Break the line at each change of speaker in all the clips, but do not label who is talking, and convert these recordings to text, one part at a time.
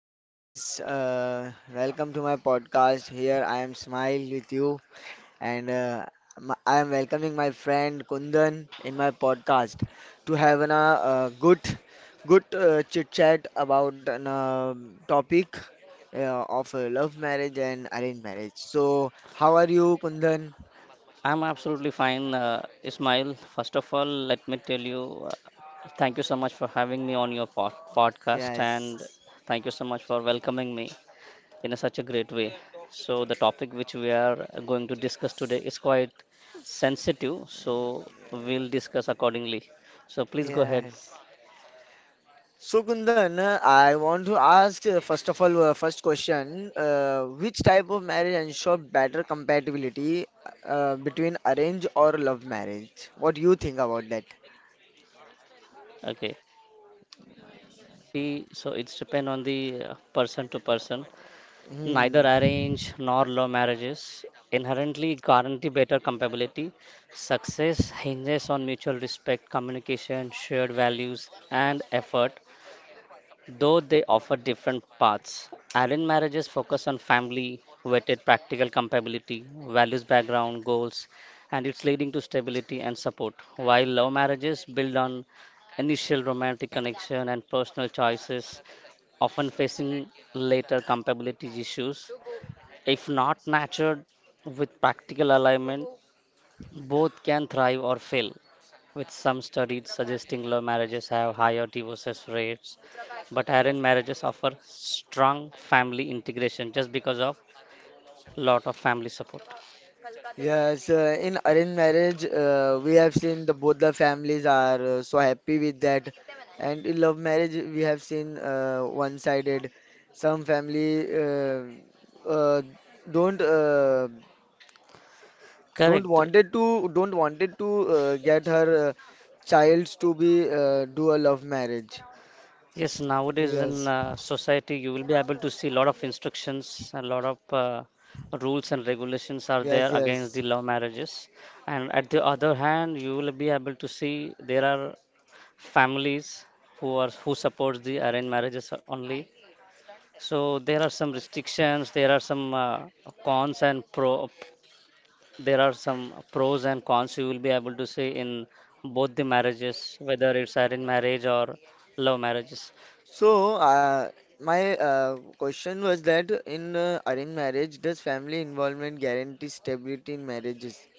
Hi guys, welcome to my podcast. Here I am Smile with you, and m I am welcoming my friend Kundan in my podcast to have a good chit chat about an topic of love marriage and arranged marriage. So, how are you, Kundan?
I'm absolutely fine, Ismail. First of all, let me tell you, thank you so much for having me on your podcast, and
Yes,
thank you so much for welcoming me in a, such a great way. So, the topic which we are going to discuss today is quite sensitive, so we'll discuss accordingly. So, please go ahead.
yes. So Kundan, I want to ask , first of all, first question, which type of marriage ensure better compatibility between arrange or love marriage? What do you think about that?
Okay. So, it's depend on the person to person. Neither
Hmm.
arranged nor love marriages inherently guarantee better compatibility. Success hinges on mutual respect, communication, shared values, and effort, though they offer different paths. Arranged marriages focus on family, weighted practical compatibility, values, background, goals, and it's leading to stability and support, while love marriages build on initial romantic connection and personal choices, often facing later compatibility issues. If not nurtured with practical alignment, both can thrive or fail. With some studies suggesting love marriages have higher divorce rates, but arranged marriages offer strong family integration just because of lot of family support.
Yes, in arranged marriage, we have seen the both the families are so happy with that, and in love marriage, we have seen one-sided. Some family uh, don't uh,
Correct.
don't wanted to get her childs to be do a love marriage.
Yes, nowadays
Yes,
in society you will be able to see a lot of instructions, a lot of rules and regulations are
yes,
there against
yes.
the love marriages, and at the other hand you will be able to see there are families who are who supports the arranged marriages only. So there are some restrictions, there are some cons and pro, there are some pros and cons you will be able to see in both the marriages, whether it's arranged marriage or love marriages.
So, my question was that in arranged marriage, does family involvement guarantee stability in marriages?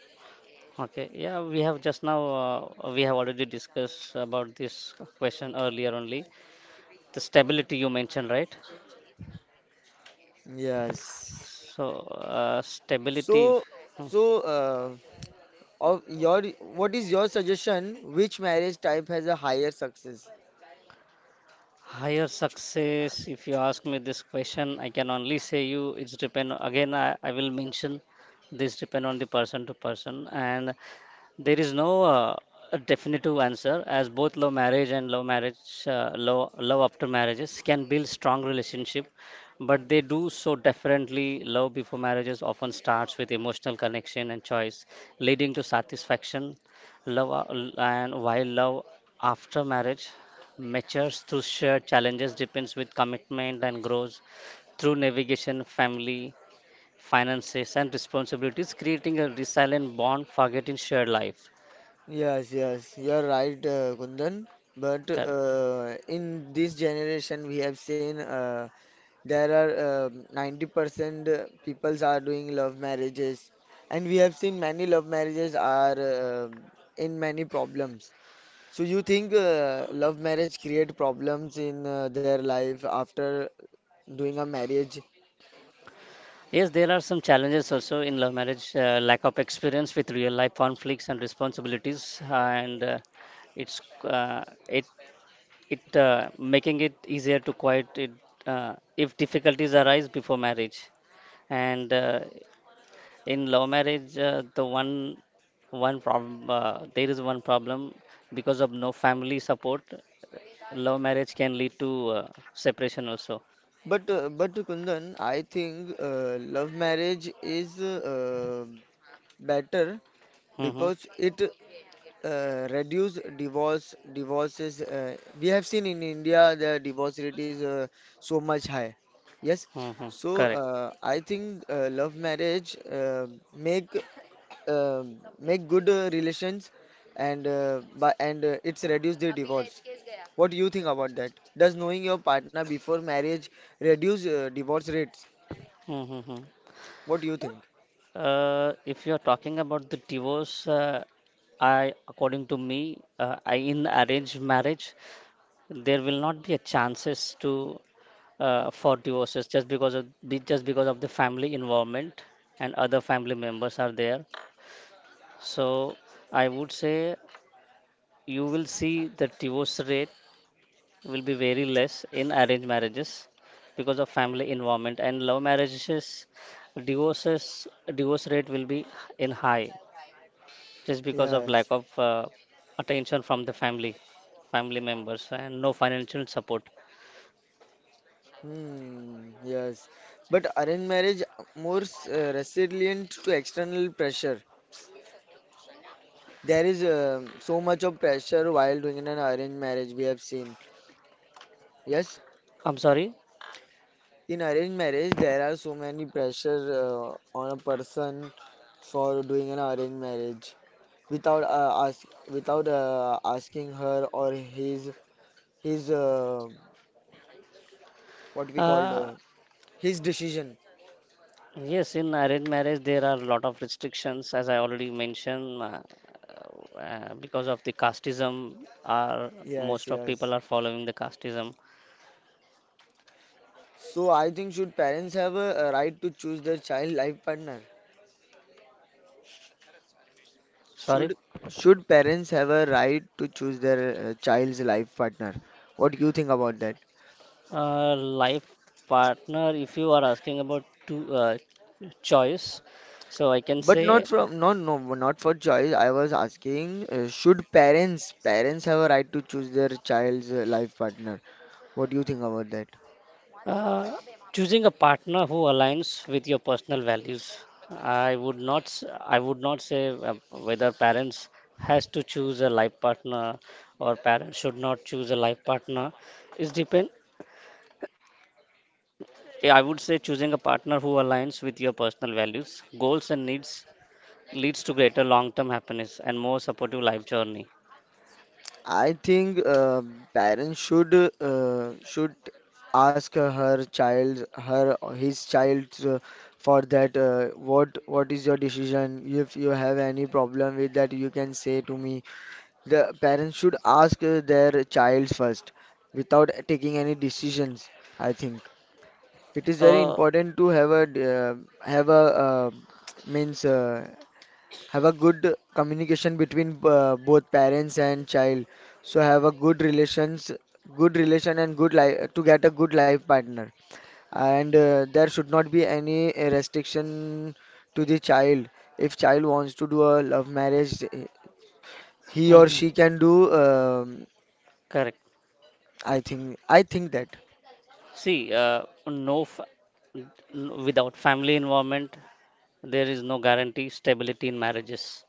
Okay, yeah, we have just now we have already discussed about this question earlier only. The stability you mentioned, right?
Yes.
So stability.
So,
hmm,
so of your what is your suggestion? Which marriage type has a higher success?
higher success, if you ask me this question I can only say you it's depend again. I will mention this depend on the person to person, and there is no a definitive answer, as both love marriage and love marriage, love, love after marriages can build strong relationship, but they do so differently. Love before marriages often starts with emotional connection and choice, leading to satisfaction. Love a- and while love after marriage matures through shared challenges, depends with commitment and grows through navigation, family, finances, and responsibilities, creating a resilient bond forget in shared life.
Yes, yes, you're right, Kundan. But
Correct.
in this generation, we have seen there are 90% peoples are doing love marriages, and we have seen many love marriages are in many problems. So you think love marriage create problems in their life after doing a marriage?
Yes, there are some challenges also in love marriage, lack of experience with real life conflicts and responsibilities, and it's it it making it easier to quiet it if difficulties arise before marriage. And In love marriage, there is one problem because of no family support, love marriage can lead to separation also.
But Kundan, I think love marriage is better
Mm-hmm.
because it reduce divorces. We have seen in India the divorce rate is so much high, yes.
Mm-hmm.
So
Correct.
I think love marriage make uh, make good relations, and it's reduce the divorce. What do you think about that? Does knowing your partner before marriage reduce divorce rates?
Mm-hmm.
What do you think?
If you're talking about the divorce, according to me, I, in arranged marriage, there will not be a chances to for divorces, just because of just because of the family involvement and other family members are there. So I would say you will see the divorce rate will be very less in arranged marriages because of family involvement, and love marriages, divorces divorce rate will be in high just because of lack
Yes.
of attention from the family members and no financial support.
Hmm, yes. But arranged marriage , more resilient to external pressure. There is so much of pressure while doing an arranged marriage, we have seen. Yes,
I'm sorry.
in arranged marriage there are so many pressure on a person for doing an arranged marriage without uh, ask without asking her or his what we called
uh,
his decision.
yes, in arranged marriage there are a lot of restrictions as I already mentioned, because of the casteism are,
Yes,
most of people
yes.
are following the casteism.
So I think, should parents have a right to choose their child life partner?
Sorry.
Should should parents have a right to choose their child's life partner? What do you think about that?
Life partner, if you are asking about two choice, so I can
But
say.
not from, no, no, not for choice. I was asking, should parents have a right to choose their child's life partner? What do you think about that?
Uh, Choosing a partner who aligns with your personal values. I would not, I would not say whether parents has to choose a life partner or parents should not choose a life partner. It's depend. I would say choosing a partner who aligns with your personal values, goals, and needs leads to greater long-term happiness and more supportive life journey.
I think parents should uh, should ask her child, her his child, for that, what is your decision? If you have any problem with that, you can say to me. The parents should ask their child first without taking any decisions. I think it is very
Uh,
important to have a uh, means have a good communication between both parents and child. So have a good relations, good relation and good life to get a good life partner. And there should not be any restriction to the child. If child wants to do a love marriage, he or
mhm,
she can do.
correct.
I think, I think that.
See, n- without family involvement there is no guarantee stability in marriages.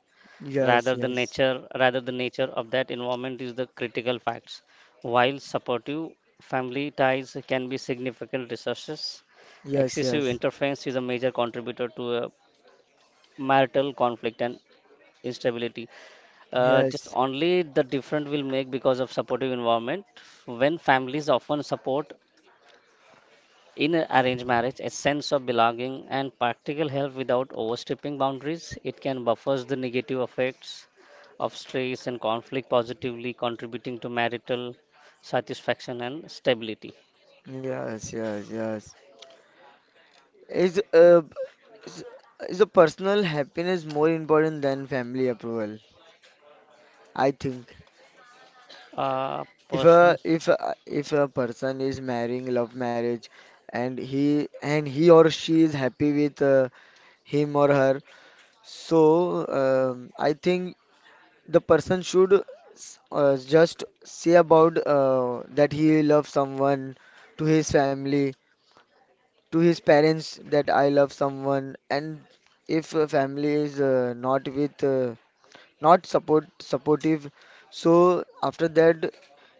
Yes, yes,
Rather the nature of that environment is the critical facts. While supportive family ties can be significant resources,
yes,
excessive
yes,
interference is a major contributor to a marital conflict and instability. Just
yes,
only the different will make because of supportive environment, when families often support. In a arranged marriage, a sense of belonging and practical help without overstepping boundaries, it can buffers the negative effects of stress and conflict, positively contributing to marital satisfaction and stability.
yes, yes, yes. Is Is is a personal happiness more important than family approval? I think,
Uh, personal,
if a person is marrying love marriage and he or she is happy with him or her, so I think the person should just say about that he loves someone to his family, to his parents, that I love someone. And if a family is not supportive, so after that,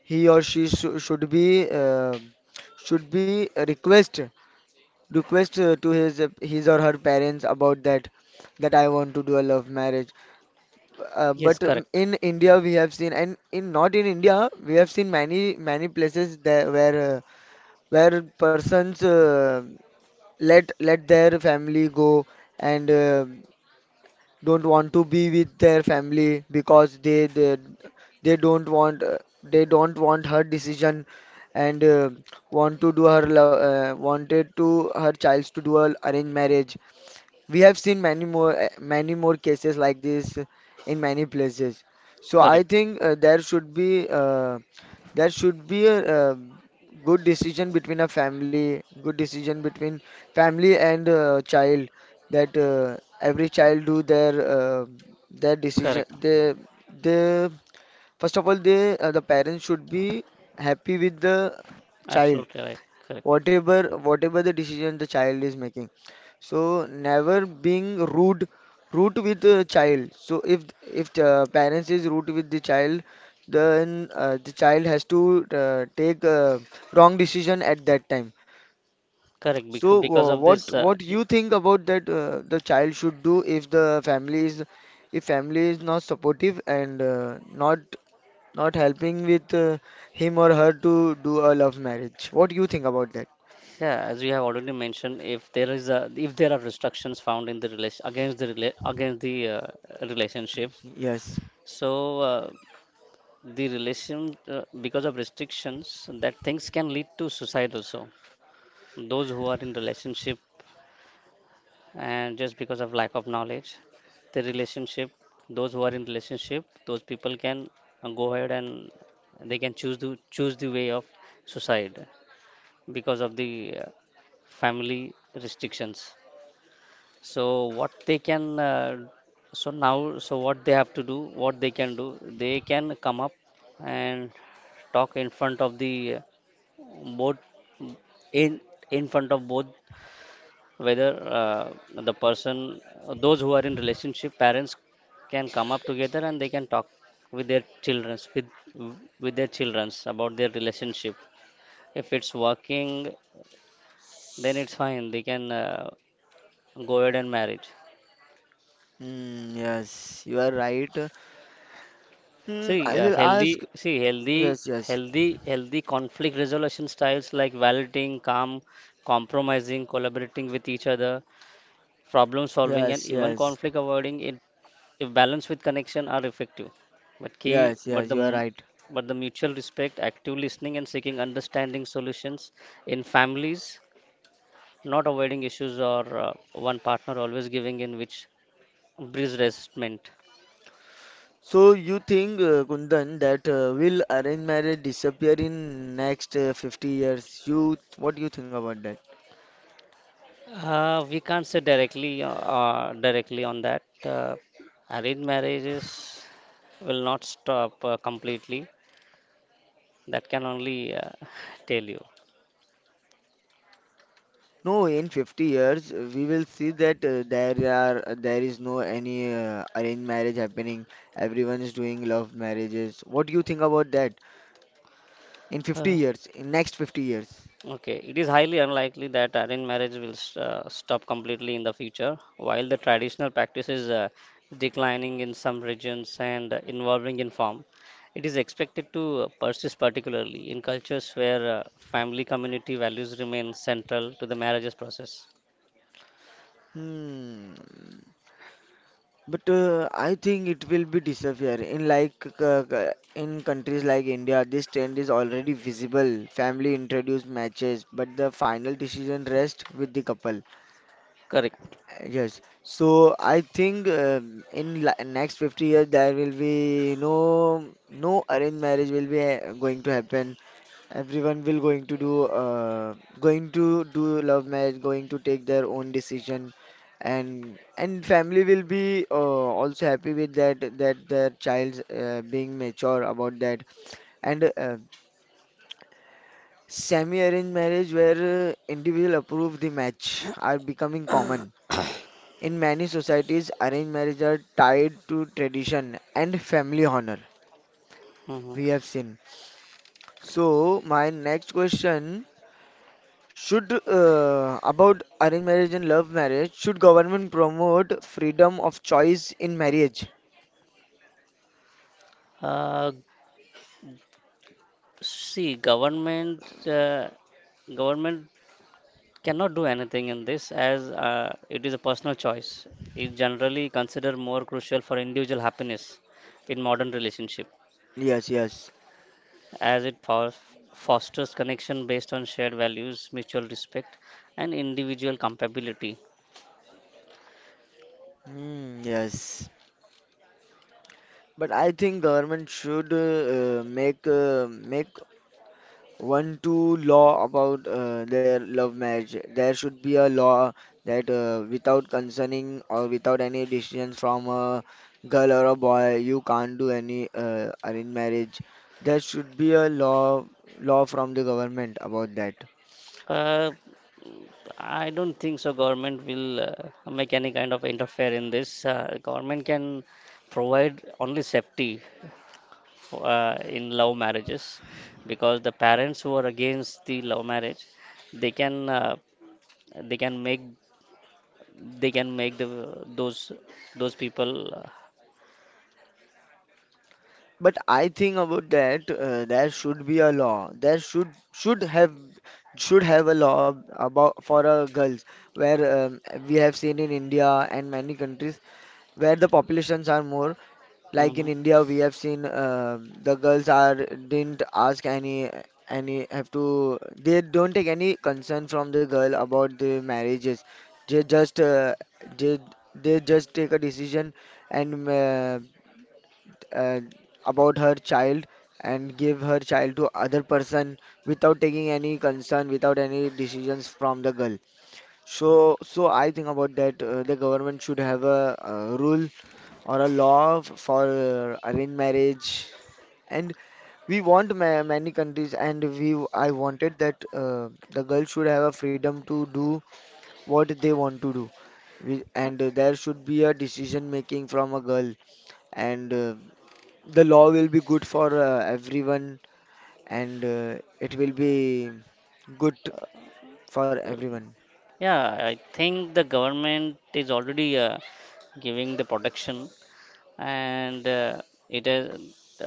he or she shou- should be request request to his or her parents about that, that I want to do a love marriage. Uh,
yes,
but um,
correct,
in India we have seen, and in not in India we have seen many many places there where persons let let their family go and don't want to be with their family because they don't want, they don't want her decision, and wanted to her child to do a arranged marriage. We have seen many more, many more cases like this in many places. So I
correct,
think there should be a uh, good decision between a family, good decision between family and child, that every child do their decision.
correct,
They first of all they The parents should be happy with the child,
absolutely right, correct,
whatever whatever the decision the child is making. So never being rude, rude with the child. So if the parents is rude with the child, then the child has to take wrong decision at that time.
correct.
So
Because
uh,
of
what
this,
what you think about that, the child should do if the family is, if family is not supportive and not not helping with him or her to do a love marriage? What do you think about that?
yeah, as you have already mentioned, if there is a, if there are restrictions found in the relation against the against the relationship,
Yes.
so. The relation Because of restrictions that things can lead to suicide also, those who are in relationship. And just because of lack of knowledge, the relationship those who are in relationship, those people can go ahead and they can choose the way of suicide because of the uh, family restrictions. So what they have to do, what they can do, they can come up and talk in front of the both in in front of both, whether the person those who are in relationship parents can come up together and they can talk with their childrens with with their childrens about their relationship. If it's working then it's fine, they can go ahead and marriage.
Mm, yes, you are right. Mm,
See,
I will ask. Yes, yes,
healthy conflict resolution styles like validating, calm, compromising, collaborating with each other, problem solving, and
yes,
even
yes,
conflict avoiding, it, if balanced with connection, are effective. But key,
yes,
but
yes,
the
you are
m-
right.
but the mutual respect, active listening, and seeking understanding solutions in families, not avoiding issues or one partner always giving in, which breeds resentment.
So you think, Kundan, that will arranged marriage disappear in next 50 years? You, what do you think about that?
We can't say directly directly on that. Arranged marriages will not stop completely. That can only tell you.
No, in 50 years, we will see that there is no any arranged marriage happening. Everyone is doing love marriages. What do you think about that? In 50
Uh,
years, in next 50 years?
okay, it is highly unlikely that arranged marriage will stop completely in the future. While the traditional practice is declining in some regions and involving in form, it is expected to persist, particularly in cultures where family community values remain central to the marriages process.
Hmm. But I think it will be disappear in like in countries like India. This trend is already visible. Family introduce matches, but the final decision rests with the couple.
Correct.
Yes. So I think, in la next 50 years there will be no, no arranged marriage will be going to happen. Everyone will going to do love marriage, going to take their own decision, and family will be also happy with that, that their child's being mature about that. And semi-arranged marriage where individual approve the match are becoming common. In many societies, arranged marriage are tied to tradition and family honor.
Mhm.
We have seen. So, my next question should about arranged marriage and love marriage. Should government promote freedom of choice in marriage?
Uh, see, government Government cannot do anything in this, as it is a personal choice. It generally considered more crucial for individual happiness in modern relationship,
Yes, yes.
as it fosters connection based on shared values, mutual respect, and individual compatibility.
Hmm, yes. But I think government should make one to law about their love marriage. There should be a law that without concerning or without any decision from a girl or a boy, you can't do any arranged marriage. There should be a law from the government about that.
Uh, I don't think so. Government will make any kind of interfere in this. Government can provide only safety in love marriages, because the parents who are against the love marriage, they can they can make they can make the those those people uh,
But I think about that, there should be a law. There should have a law about for girls, where we have seen in India and many countries where the populations are more. Like in
mhm.
India, we have seen the girls are didn't ask any have to, they don't take any concern from the girl about the marriages. They just they they just take a decision and uh, about her child and give her child to other person without taking any concern, without any decisions from the girl. So, I think about that, the government should have a, uh, rule or a law for arranged marriage, and we want ma many countries, and we I wanted that the girl should have a freedom to do what they want to do. And there should be a decision making from a girl, and the law will be good for everyone, and it will be good for
So,
everyone.
yeah, I think the government is already giving the protection, and it is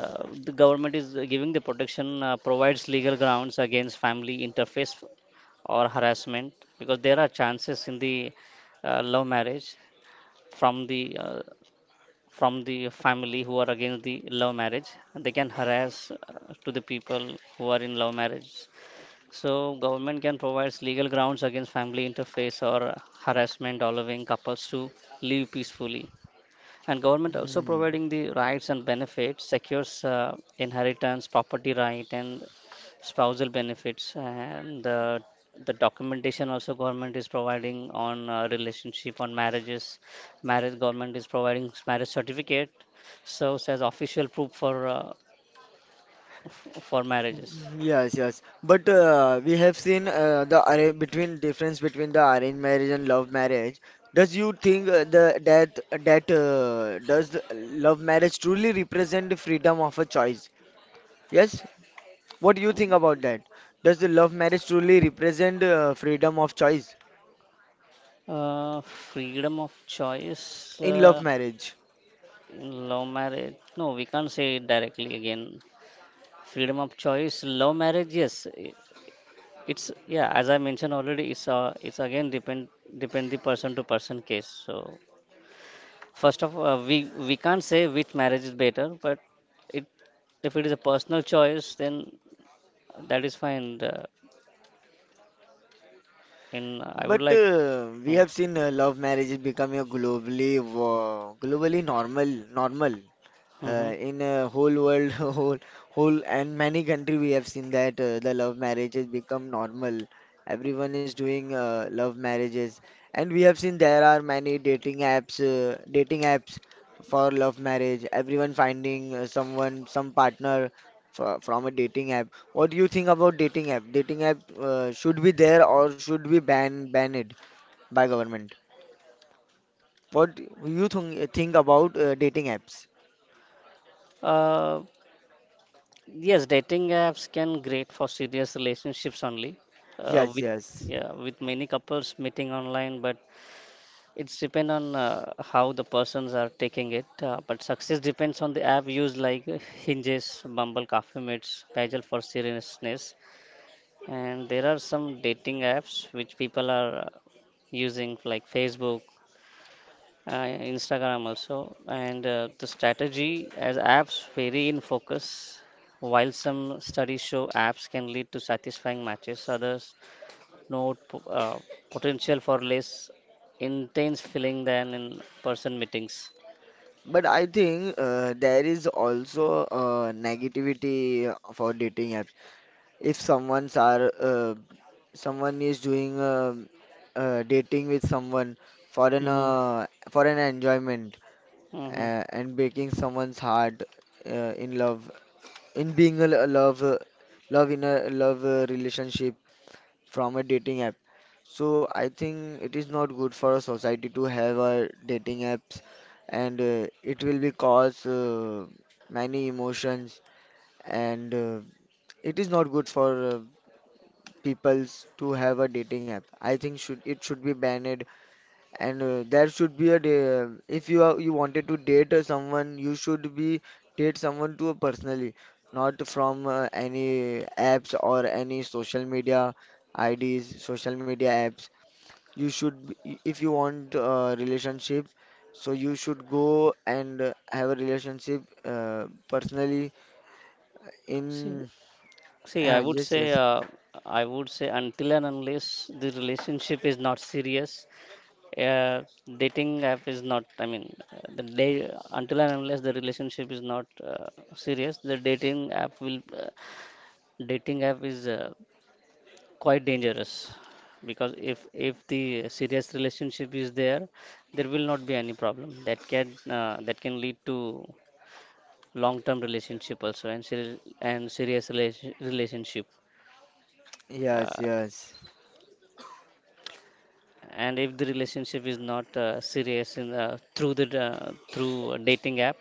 the government is giving the protection. Provides legal grounds against family interface or harassment, because there are chances in the love marriage from the uh, from the family who are against the love marriage, they can harass to the people who are in love marriage. So government can provide legal grounds against family interface or harassment, allowing couples to live peacefully. And government also
Hmm.
providing the rights and benefits, secures inheritance, property right, and spousal benefits. And the documentation also government is providing on relationship, on marriages. Marriage government is providing marriage certificate, so as official proof for for marriages.
Yes, yes. But we have seen the arra between difference between the arranged marriage and love marriage. Does you think the that that does the love marriage truly represent the freedom of a choice? Yes. What do you think about that? Does the love marriage truly represent freedom of choice
Freedom of choice
in love marriage?
in love marriage. No, we can't say it directly again. Freedom of choice, love marriage, yes. It's yeah, as I mentioned already, it's again depend the person to person case. So first of all, we can't say which marriage is better, but it if it is a personal choice, then that is fine. And I would
But
like.
we
Hmm,
have seen love marriage is becoming a globally globally normal.
mhm.
In a whole world whole and many country we have seen that the love marriages become normal. Everyone is doing love marriages, and we have seen there are many dating apps, dating apps for love marriage. Everyone finding someone, some partner from a dating app. What do you think about dating app, should be there or should be banned by government? What you think about dating apps?
Uh, yes, dating apps can great for serious relationships only.
yes
With
yes
Yeah, with many couples meeting online, but it's depend on how the persons are taking it, but success depends on the app used like Hinges, Bumble, Coffee Mates, Pagel for seriousness, and there are some dating apps which people are using like Facebook, uh, Instagram also, and the strategy as apps vary in focus. While some studies show apps can lead to satisfying matches, others note potential for less intense feeling than in person meetings.
But I think there is also a negativity for dating apps. If someone is doing dating with someone
Mm-hmm.
for an enjoyment,
Mm-hmm.
and breaking someone's heart in love, in being a love relationship from a dating app. So I think it is not good for a society to have a dating apps, and it will be cause many emotions, and it is not good for peoples to have a dating app. I think should it should be banned, and there should be a day, if you are, you wanted to date someone, you should be date someone to a personally, not from any apps or any social media IDs, social media apps. You should, if you want a relationship, so you should go and have a relationship personally
See,
in.
see, I would
Yes,
say,
yes,
until and unless the relationship is not serious, uh, dating app is not. I mean, the day until and unless the relationship is not serious, the dating app will. Dating app is quite dangerous because if the serious relationship is there, there will not be any problem that can lead to long term relationship also and serious relationship.
yes,
uh,
yes,
and if the relationship is not serious in through a dating app,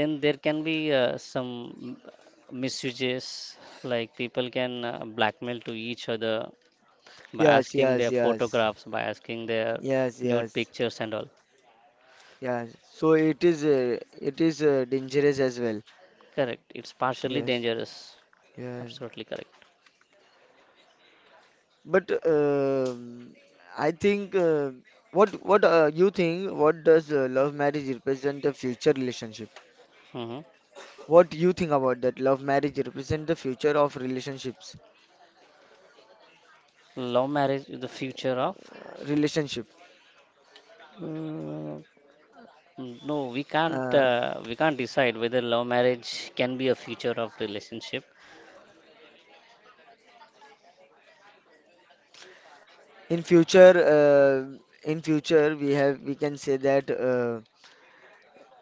then there can be some misuses, like people can blackmail to each other by
yes,
asking
yes,
their
yes,
photographs, by asking their
yes,
nude
yes,
pictures and all.
yes. So it is dangerous as well.
Correct. It's partially
Yes,
dangerous.
yes.
Absolutely correct.
But I think what you think? What does love marriage represent? The future relationship?
hmm
What do you think about that? Love marriage represent the future of relationships.
Love marriage is the future of.
Relationship.
Uh, no, we can't.
Uh,
We can't decide whether love marriage can be a future of relationship.
in future, we can say that uh,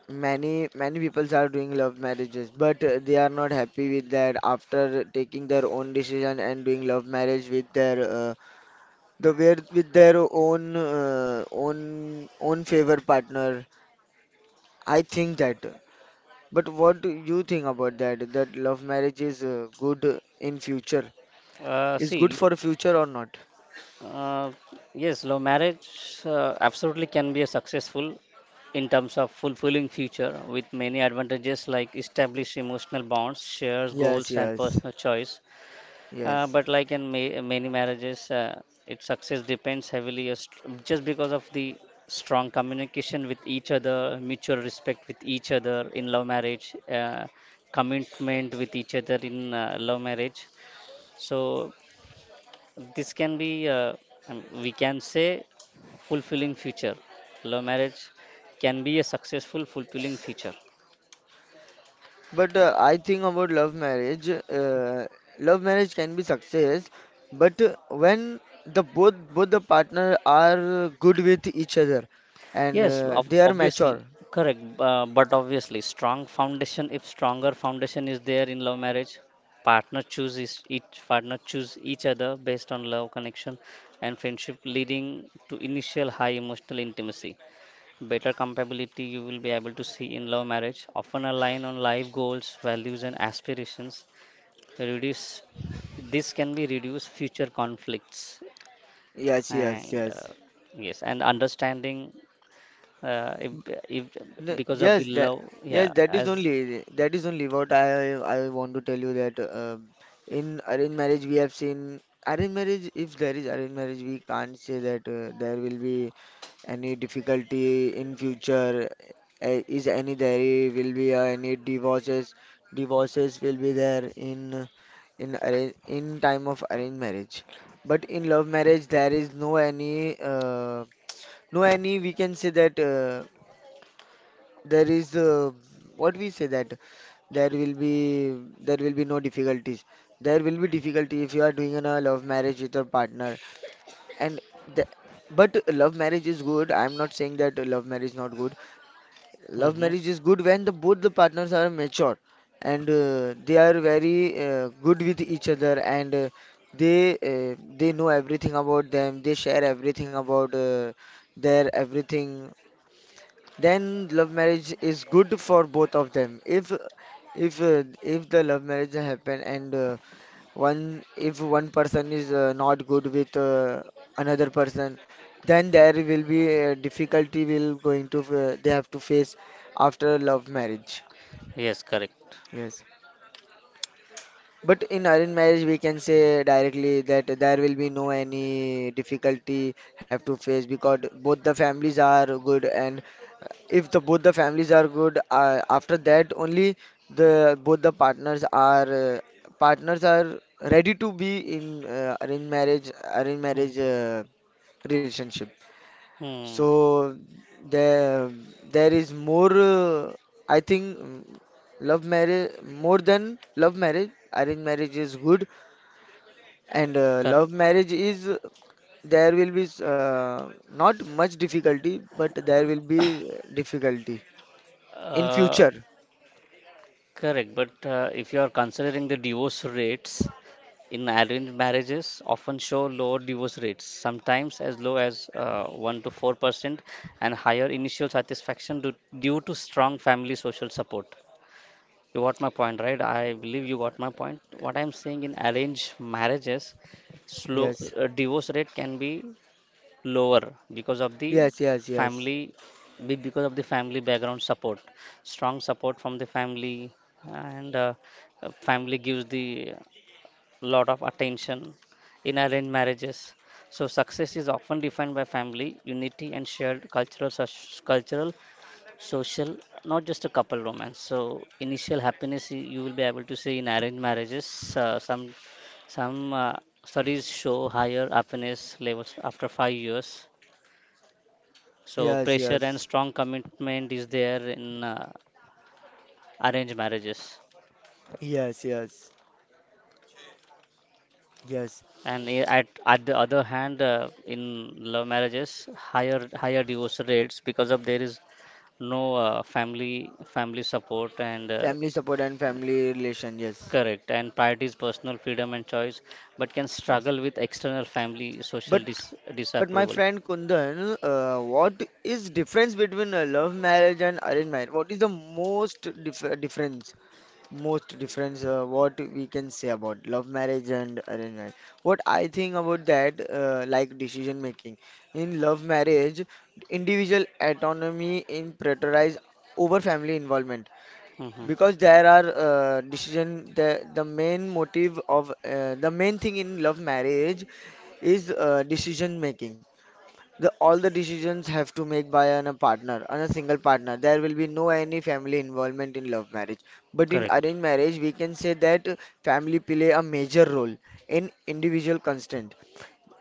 many many people are doing love marriages, but they are not happy with that after taking their own decision and doing love marriage with their the where with their own favor partner. I think that. But what do you think about that? That love marriage is good in future. Is good
See,
for the future or not?
uh, yes, love marriage absolutely can be a successful in terms of fulfilling future with many advantages, like established emotional bonds, shares
Yes,
goals and
yes,
personal choice.
yes.
But like in many marriages, its success depends heavily just because of the strong communication with each other, mutual respect with each other in love marriage, commitment with each other in love marriage. So this can be, we can say, fulfilling future. Love marriage can be a successful, fulfilling future.
But I think about love marriage. Love marriage can be success, but when the both both the partner are good with each other, and
Yes,
they are mature.
obviously, correct. But obviously, strong foundation, if stronger foundation is there in love marriage, partner choose each other based on love connection and friendship, leading to initial high emotional intimacy. Better compatibility you will be able to see in love marriage, often align on life goals, values, and aspirations. Reduce this can be reduce future conflicts
Yes, yes,
and
yes.
yes, and understanding uh, if if
No,
because of the
yes, that
love,
yes,
yeah,
that is
as
only what I want to tell you that in arranged marriage we have seen arranged marriage. If there is arranged marriage, we can't say that there will be any difficulty in future. Is any there will be any divorces? Divorces will be there in arrange in time of arranged marriage. But in love marriage, there is no any, we can say that. There is What we say that there will be no difficulties. There will be difficulty if you are doing a love marriage with your partner, and the, but love marriage is good. I'm not saying that love marriage is not good. Love
hmm,
marriage is good when the both the partners are mature, and they are very good with each other, and they know everything about them. They share everything about their everything. Then love marriage is good for both of them. If the love marriage happen, and one if one person is not good with another person, then there will be a difficulty will going to they have to face after love marriage.
yes, correct,
Yes. But in arranged marriage, we can say directly that there will be no any difficulty have to face, because both the families are good, and if the both the families are good, after that only the both the partners are ready to be in uh, arranged marriage
hmm,
relationship.
hmm,
So there is more I think mm, love marriage, more than love marriage arranged marriage is good, and
correct.
love marriage is there will be not much difficulty, but there will be difficulty in
uh,
future.
Correct, but if you are considering the divorce rates in arranged marriages, often show lower divorce rates sometimes as low as 1 to 4%, and higher initial satisfaction due to strong family social support. You got my point, right? I believe you got my point. What I'm saying, in arranged marriages, slow
Yes,
divorce rate can be lower because of the
yes, yes, yes,
family, because of the family background support, strong support from the family, and family gives the lot of attention in arranged marriages. So success is often defined by family unity and shared cultural, such cultural social, not just a couple romance. So initial happiness you will be able to see in arranged marriages. Uh, some some uh, studies show higher happiness levels after 5 years. So
yes,
pressure
yes,
and strong commitment is there in arranged marriages.
yes, yes, yes,
And at the other hand, in love marriages, higher divorce rates because of there is no family support and
family support and family relation, yes,
correct, and priorities personal freedom and choice, but can
yes,
struggle with external family social
but. But my
disapproval.
friend Kundan, what is difference between a love marriage and arranged marriage? What is the most difference? Most difference? What we can say about love marriage and arranged marriage? What I think about that, like decision making. In love marriage, individual autonomy in prioritized over family involvement,
hmm.
because there are decision the main motive of the main thing in love marriage is decision making. The all the decisions have to make by a partner, and a single partner. There will be no any family involvement in love marriage. But in
Correct.
arranged marriage, we can say that family play a major role in individual constant.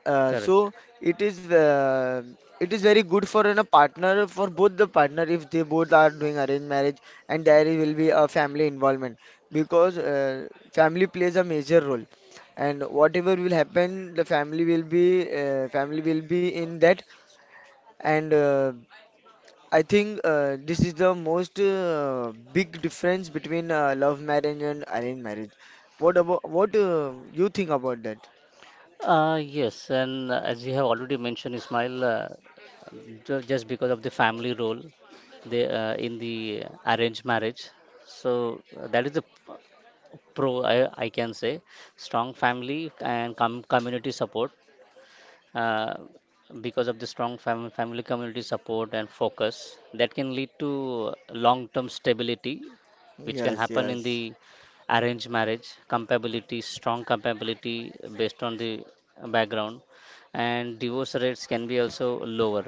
Correct.
So it is uh, it is very good for a partner, for both the partner if they both are doing arranged marriage, and there will be a family involvement, because family plays a major role, and whatever will happen the family will be in that, and I think this is the most big difference between love marriage and arranged marriage. What about what you think about that?
Yes, and as you have already mentioned, Ismail, just because of the family role they, in the arranged marriage, so that is the p- pro I can say strong family and community support, uh, because of the strong family community support and focus that can lead to long term stability, which can
Yes,
happen in the
yes,
arranged marriage. Compatibility, strong compatibility based on the background, and divorce rates can be also lower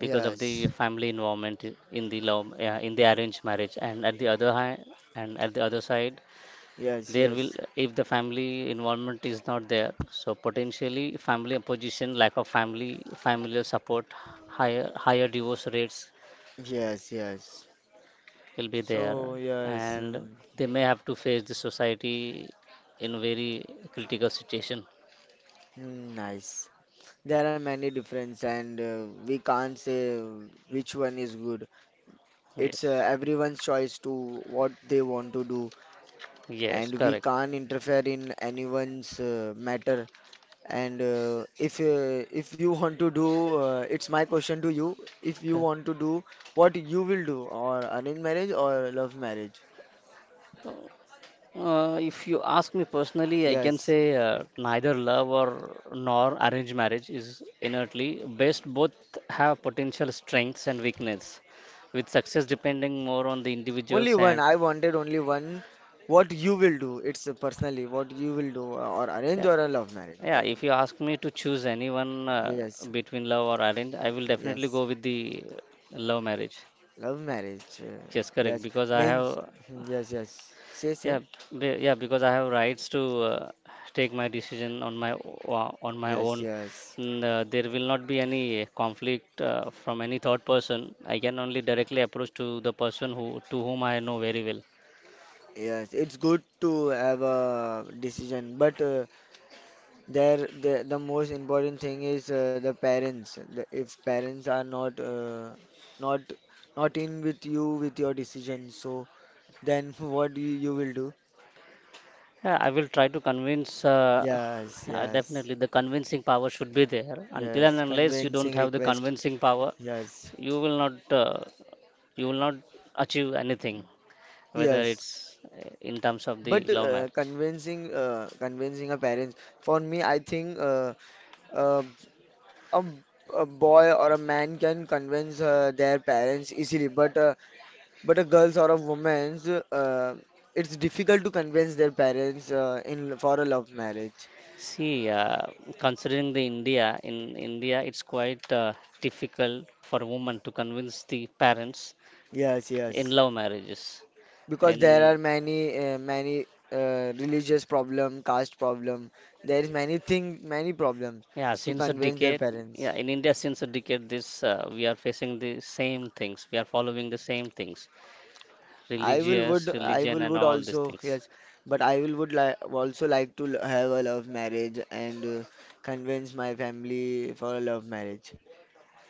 because of the family involvement in the love, yeah, in the arranged marriage. And at the other hand, and at the other side,
yes,
there will,
yes,
if the family involvement is not there, so potentially family opposition, lack of family familial support, higher divorce rates
yes, yes.
will be there,
So yes,
and
mm,
they may have to face the society in a very critical situation.
mm, nice. There are many difference, and we can't say which one is good. It's
Yes,
everyone's choice to what they want to do,
yes,
and we
correct.
can't interfere in anyone's matter. And if you want to do, it's my question to you. If you
Cor-.
want to do, what you will do, or arranged marriage or love marriage?
If you ask me personally, I can
Yes,
say neither love or nor arranged marriage is innately best. Both have potential strengths and weakness, with success depending more on the
only
individuals.
one.
And
I wanted only one. What you will do? It's personally what you will do, or arrange
yeah,
or a love marriage.
yeah.
That
If you ask me to choose anyone
yes,
between love or arranged, I will definitely
yes,
go with the love marriage.
love marriage.
Yes, correct.
Yes,
Because I
means,
have,
hmm, yes, yes. Say,
yeah,
say.
yeah, because I have rights to take my decision on my on my
Yes,
own.
yes,
And, there will not be any conflict from any third person. I can only directly approach to the person who, to whom I know very well.
yes. It's good to have a decision, but there, the most important thing is the parents. The, if parents are not not in with you with your decision, so then what you will do?
Yeah, I will try to convince.
Yes, yes,
Definitely, the convincing power should be there. Until
yes.
and unless you
Convincing
don't have the
request.
convincing power,
Yes,
you will not achieve anything, whether
yes.
it's in terms of the
But
love marriage.
convincing a parent. For me, I think uh, a a boy or a man can convince their parents easily, but but a girls or a woman's, it's difficult to convince their parents in for a love marriage.
See, considering the India, in India, it's quite difficult for women to convince the parents
Yes,
in
yes.
love marriages.
Because there
In
are many religious problem, caste problem. There is many thing, many problems
yeah,
to
since a
convince their
decade, yeah,
parents.
in India, since a decade, this we are facing the same things. We are following the same things, religious,
I
religion,
will
and
would
all these
also,
things.
yes. But I will would li also like to have a love marriage, and convince my family for a love marriage.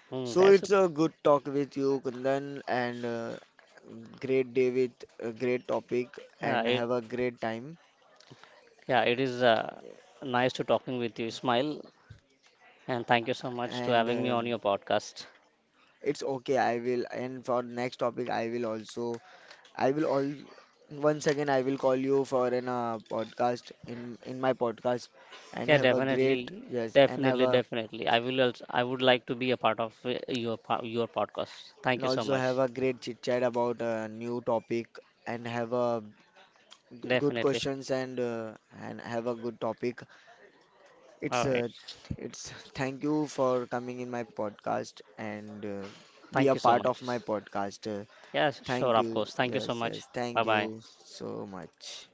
Hmm,
So
that's it.
it's a good talk with you, Kundan, and great day with a great topic,
Uh,
and
it.
have a great time.
Yeah, it is nice to talking with you, Ismail, and thank you so much to
And
having me on your podcast.
it's okay. I will. And for next topic, I will also. I will all. Once again, I will call you for an podcast in my podcast,
Yeah,
and have a great
definitely,
yes, and have
definitely,
a,
definitely. I will also, I would like to be a part of your podcast. Thank
and
you so
also
much.
have a great chit chat about a new topic, and have a good
Definitely.
questions and have a good topic.
All
It's
right.
uh, it's thank you for coming in my podcast, and be
Thank
a
you so
part
much.
of my podcast.
Yes, sure,
Thank
of
you.
course. Thank you so
Yes,
much.
yes,
Bye
thank
bye.
you so much.